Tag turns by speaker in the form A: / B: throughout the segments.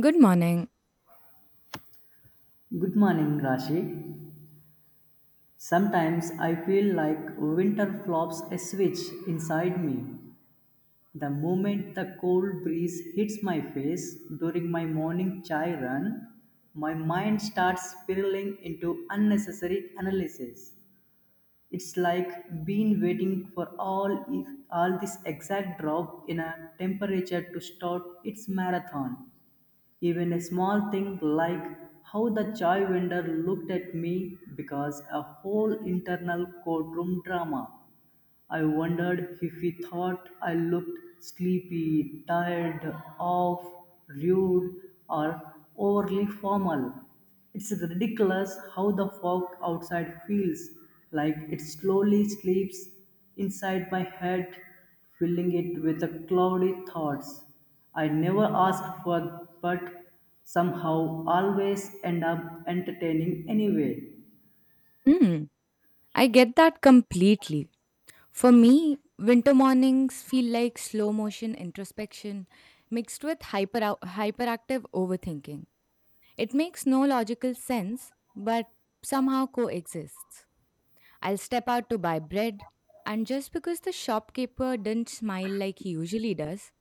A: Good morning.
B: Good morning, Rashi. Sometimes I feel like winter flops a switch inside me. The moment the cold breeze hits my face during my morning chai run, my mind starts spiraling into unnecessary analysis. It's like been waiting for all this exact drop in a temperature to start its marathon. Even a small thing like how the chai vendor looked at me because a whole internal courtroom drama. I wondered if he thought I looked sleepy, tired, off, rude, or overly formal. It's ridiculous how the fog outside feels like it slowly sleeps inside my head, filling it with the cloudy thoughts. I never asked for, but somehow always end up entertaining anyway.
A: Mm, I get that completely. For me, winter mornings feel like slow motion introspection mixed with hyperactive overthinking. It makes no logical sense, but somehow coexists. I'll step out to buy bread, and just because the shopkeeper didn't smile like he usually does,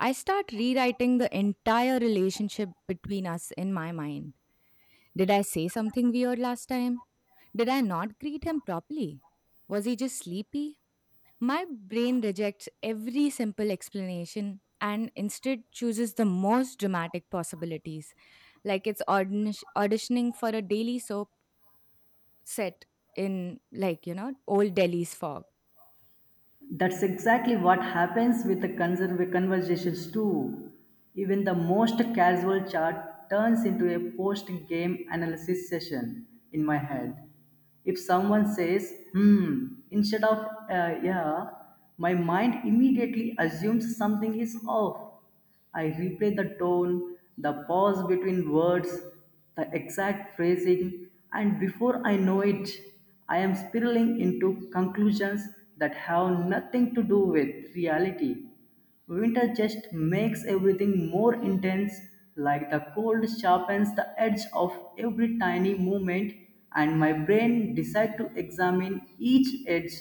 A: I start rewriting the entire relationship between us in my mind. Did I say something weird last time? Did I not greet him properly? Was he just sleepy? My brain rejects every simple explanation and instead chooses the most dramatic possibilities, like it's auditioning for a daily soap set in, old Delhi's fog.
B: That's exactly what happens with the conversations too. Even the most casual chat turns into a post-game analysis session in my head. If someone says, hmm, instead of, yeah, my mind immediately assumes something is off. I replay the tone, the pause between words, the exact phrasing, and before I know it, I am spiraling into conclusions that have nothing to do with reality. Winter just makes everything more intense, like the cold sharpens the edge of every tiny movement, and my brain decides to examine each edge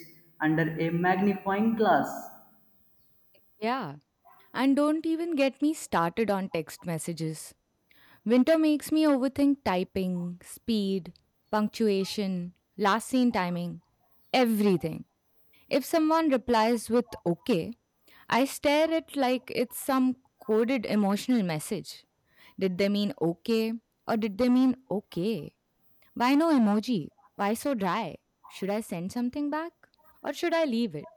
B: under a magnifying glass.
A: Yeah. And don't even get me started on text messages. Winter makes me overthink typing, speed, punctuation, last scene timing everything. If someone replies with okay, I stare at like it's some coded emotional message. Did they mean okay or did they mean okay? Why no emoji? Why so dry? Should I send something back or should I leave it?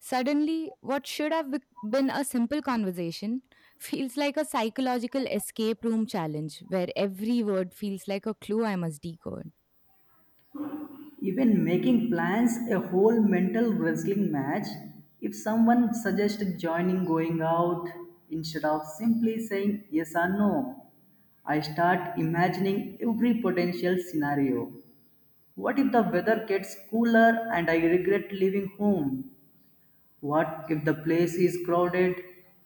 A: Suddenly, what should have been a simple conversation feels like a psychological escape room challenge where every word feels like a clue I must decode.
B: Even making plans a whole mental wrestling match. If someone suggests joining going out, instead of simply saying yes or no, I start imagining every potential scenario. What if the weather gets cooler and I regret leaving home? What if the place is crowded?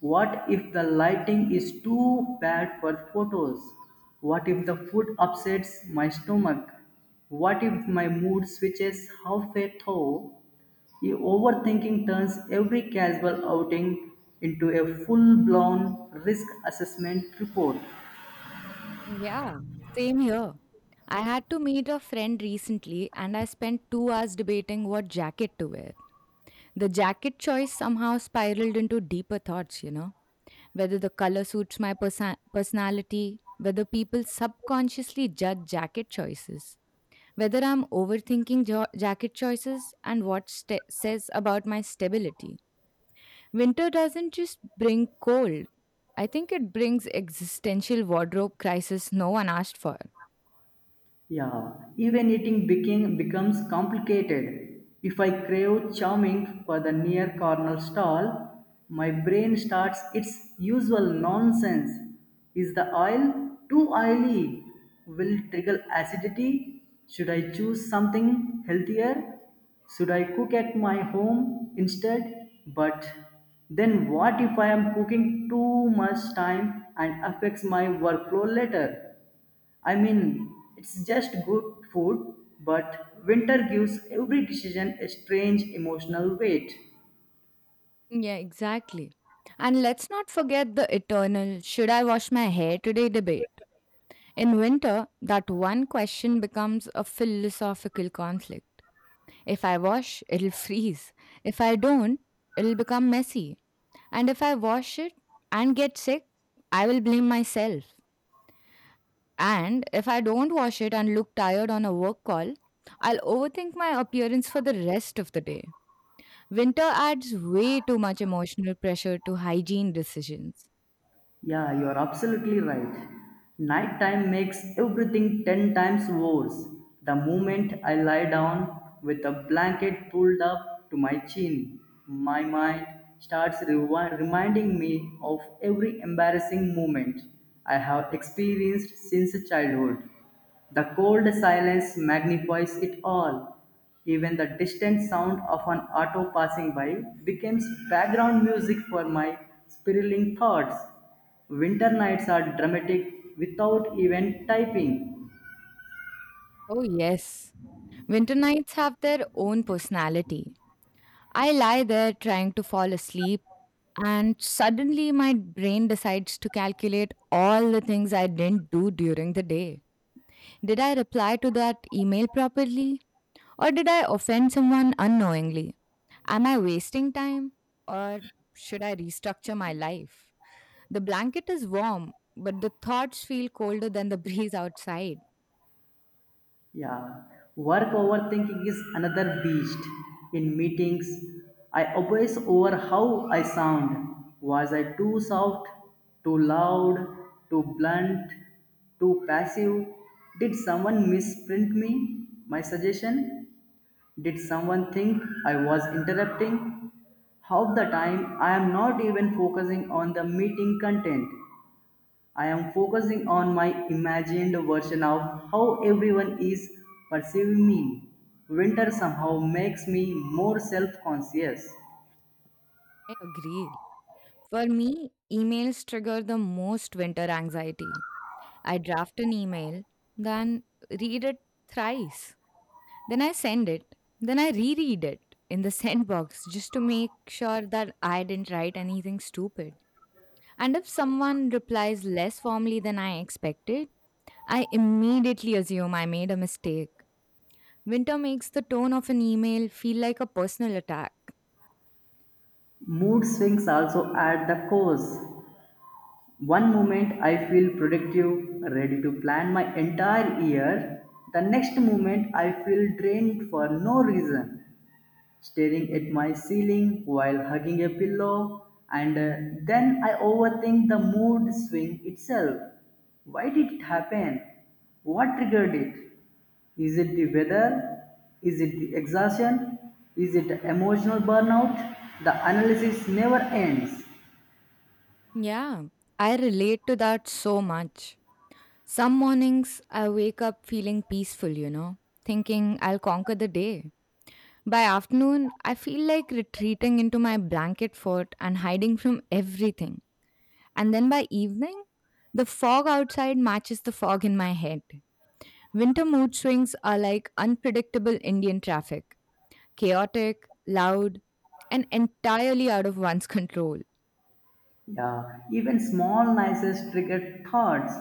B: What if the lighting is too bad for photos? What if the food upsets my stomach? What if my mood switches halfway through? The overthinking turns every casual outing into a full blown risk assessment report.
A: Yeah, same here. I had to meet a friend recently and I spent 2 hours debating what jacket to wear. The jacket choice somehow spiraled into deeper thoughts, whether the color suits my personality, whether people subconsciously judge jacket choices, whether I'm overthinking jacket choices, and what sta says about my stability. Winter doesn't just bring cold, I think it brings existential wardrobe crisis no one asked for.
B: Yeah, even becomes complicated. If I crave charming for the near corner stall, my brain starts its usual nonsense. Is the oil too oily? Will it trigger acidity? Should I choose something healthier? Should I cook at my home instead? But then what if I am cooking too much time and affects my workflow later? I mean, it's just good food, but winter gives every decision a strange emotional weight.
A: Yeah, exactly. And let's not forget the eternal should I wash my hair today debate. In winter, that one question becomes a philosophical conflict. If I wash, it'll freeze. If I don't, it'll become messy. And if I wash it and get sick, I will blame myself. And if I don't wash it and look tired on a work call, I'll overthink my appearance for the rest of the day. Winter adds way too much emotional pressure to hygiene decisions.
B: Yeah, you're absolutely right. Nighttime makes everything 10 times worse. The moment I lie down with a blanket pulled up to my chin, my mind starts reminding me of every embarrassing moment I have experienced since childhood. The cold silence magnifies it all. Even the distant sound of an auto passing by becomes background music for my spiraling thoughts. Winter nights are dramatic without even typing.
A: Oh, yes. Winter nights have their own personality. I lie there trying to fall asleep, and suddenly my brain decides to calculate all the things I didn't do during the day. Did I reply to that email properly? Or did I offend someone unknowingly? Am I wasting time? Or should I restructure my life? The blanket is warm, but the thoughts feel colder than the breeze outside.
B: Yeah, work overthinking is another beast. In meetings, I obsess over how I sound. Was I too soft, too loud, too blunt, too passive? Did someone misprint me, my suggestion? Did someone think I was interrupting? Half the time, I am not even focusing on the meeting content. I am focusing on my imagined version of how everyone is perceiving me. Winter somehow makes me more self conscious.
A: I agree. For me, emails trigger the most winter anxiety. I draft an email, then read it thrice. Then I send it. Then I reread it in the send box just to make sure that I didn't write anything stupid. And if someone replies less formally than I expected, I immediately assume I made a mistake. Winter makes the tone of an email feel like a personal attack.
B: Mood swings also at the cause. One moment I feel productive, ready to plan my entire year. The next moment I feel drained for no reason. Staring at my ceiling while hugging a pillow, and then I overthink the mood swing itself. Why did it happen? What triggered it? Is it the weather? Is it the exhaustion? Is it emotional burnout? The analysis never ends.
A: Yeah, I relate to that so much. Some mornings I wake up feeling peaceful, thinking I'll conquer the day. By afternoon, I feel like retreating into my blanket fort and hiding from everything. And then by evening, the fog outside matches the fog in my head. Winter mood swings are like unpredictable Indian traffic chaotic, loud, and entirely out of one's control.
B: Yeah, even small nicest triggered thoughts.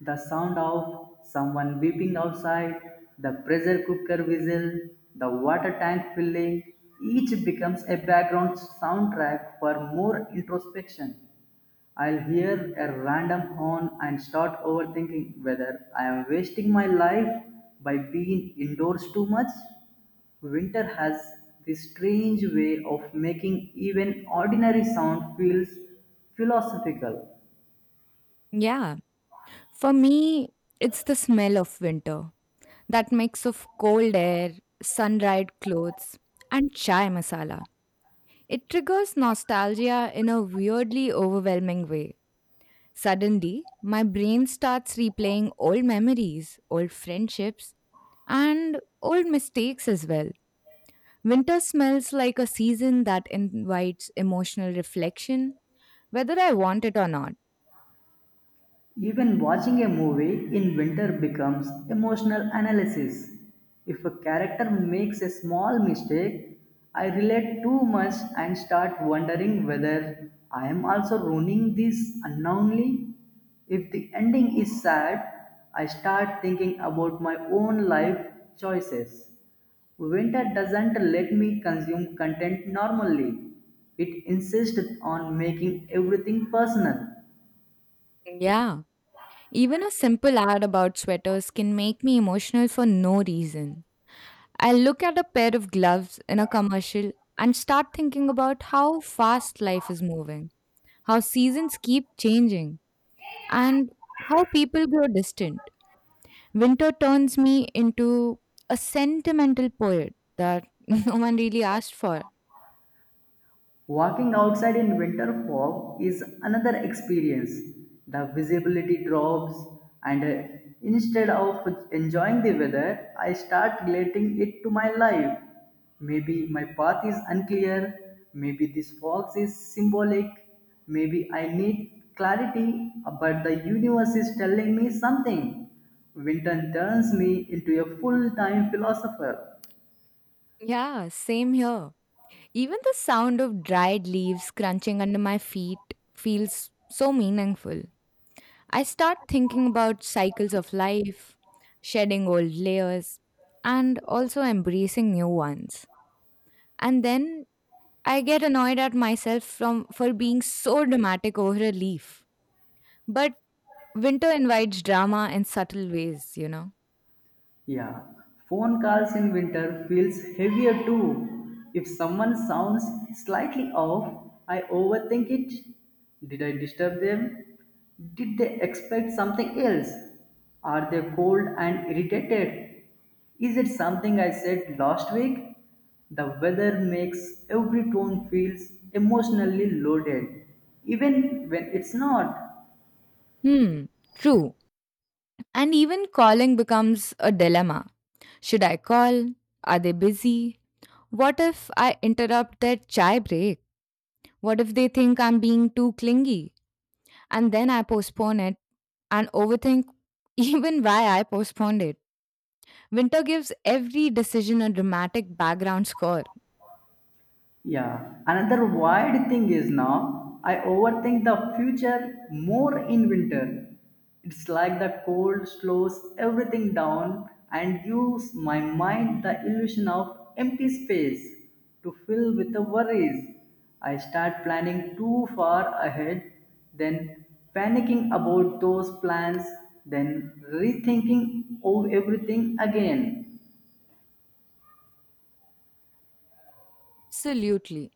B: The sound of someone weeping outside, the pressure cooker whistle, the water tank filling, each becomes a background soundtrack for more introspection. I'll hear a random horn and start overthinking whether I am wasting my life by being indoors too much. Winter has this strange way of making even ordinary sound feels philosophical.
A: Yeah. For me, it's the smell of winter. That mix of cold air, sun-dried clothes, and chai masala. It triggers nostalgia in a weirdly overwhelming way. Suddenly, my brain starts replaying old memories, old friendships, and old mistakes as well. Winter smells like a season that invites emotional reflection, whether I want it or not.
B: Even watching a movie in winter becomes emotional analysis. If a character makes a small mistake, I relate too much and start wondering whether I am also ruining this unknowingly. If the ending is sad, I start thinking about my own life choices. Winter doesn't let me consume content normally. It insists on making everything personal.
A: Yeah. Even a simple ad about sweaters can make me emotional for no reason. I'll look at a pair of gloves in a commercial and start thinking about how fast life is moving, how seasons keep changing, and how people grow distant. Winter turns me into a sentimental poet that no one really asked for.
B: Walking outside in winter fog is another experience. The visibility drops, and instead of enjoying the weather, I start relating it to my life. Maybe my path is unclear, maybe this fog is symbolic, maybe I need clarity, but the universe is telling me something. Winter turns me into a full time philosopher.
A: Yeah, same here. Even the sound of dried leaves crunching under my feet feels so meaningful. I start thinking about cycles of life, shedding old layers, and also embracing new ones. And then I get annoyed at myself from for being so dramatic over a leaf. But winter invites drama in subtle ways, you know.
B: Yeah, phone calls in winter feels heavier too. If someone sounds slightly off, I overthink it. Did I disturb them? Did they expect something else? Are they cold and irritated? Is it something I said last week? The weather makes every tone feels emotionally loaded, even when it's not.
A: Hmm, true. And even calling becomes a dilemma. Should I call? Are they busy? What if I interrupt their chai break? What if they think I'm being too clingy? And then I postpone it and overthink even why I postponed it. Winter gives every decision a dramatic background score.
B: Yeah, another wild thing is now I overthink the future more in winter. It's like the cold slows everything down and gives my mind the illusion of empty space to fill with the worries. I start planning too far ahead, then panicking about those plans, then rethinking of everything again.
A: Absolutely.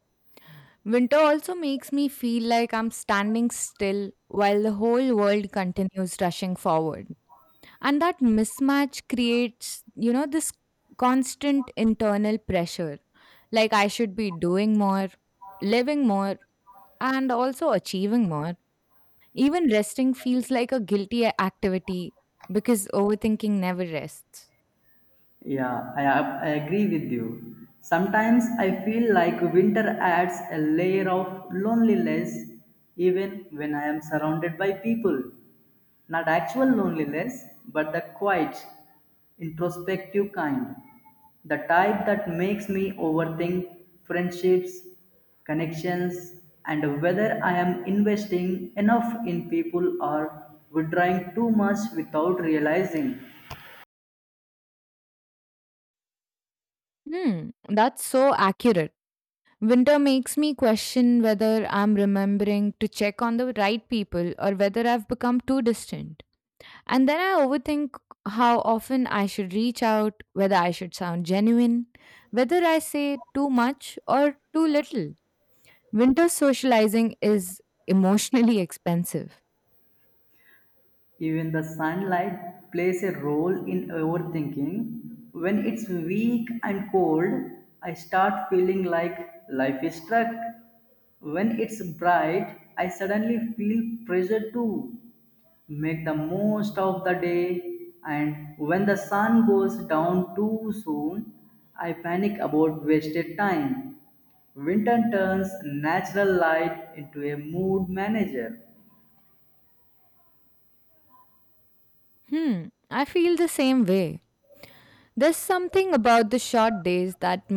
A: Winter also makes me feel like I'm standing still while the whole world continues rushing forward. And that mismatch creates, this constant internal pressure. Like I should be doing more, living more, and also achieving more. Even resting feels like a guilty activity because overthinking never rests.
B: Yeah, I agree with you. Sometimes I feel like winter adds a layer of loneliness even when I am surrounded by people. Not actual loneliness, but the quiet, introspective kind. The type that makes me overthink friendships, connections, and whether I am investing enough in people or withdrawing too much without realizing.
A: Hmm, that's so accurate. Winter makes me question whether I'm remembering to check on the right people or whether I've become too distant. And then I overthink how often I should reach out, whether I should sound genuine, whether I say too much or too little. Winter socializing is emotionally expensive.
B: Even the sunlight plays a role in overthinking. When it's weak and cold, I start feeling like life is stuck. When it's bright, I suddenly feel pressure to make the most of the day. And when the sun goes down too soon, I panic about wasted time. Winter turns natural light into a mood manager.
A: Hmm, I feel the same way. There's something about the short days that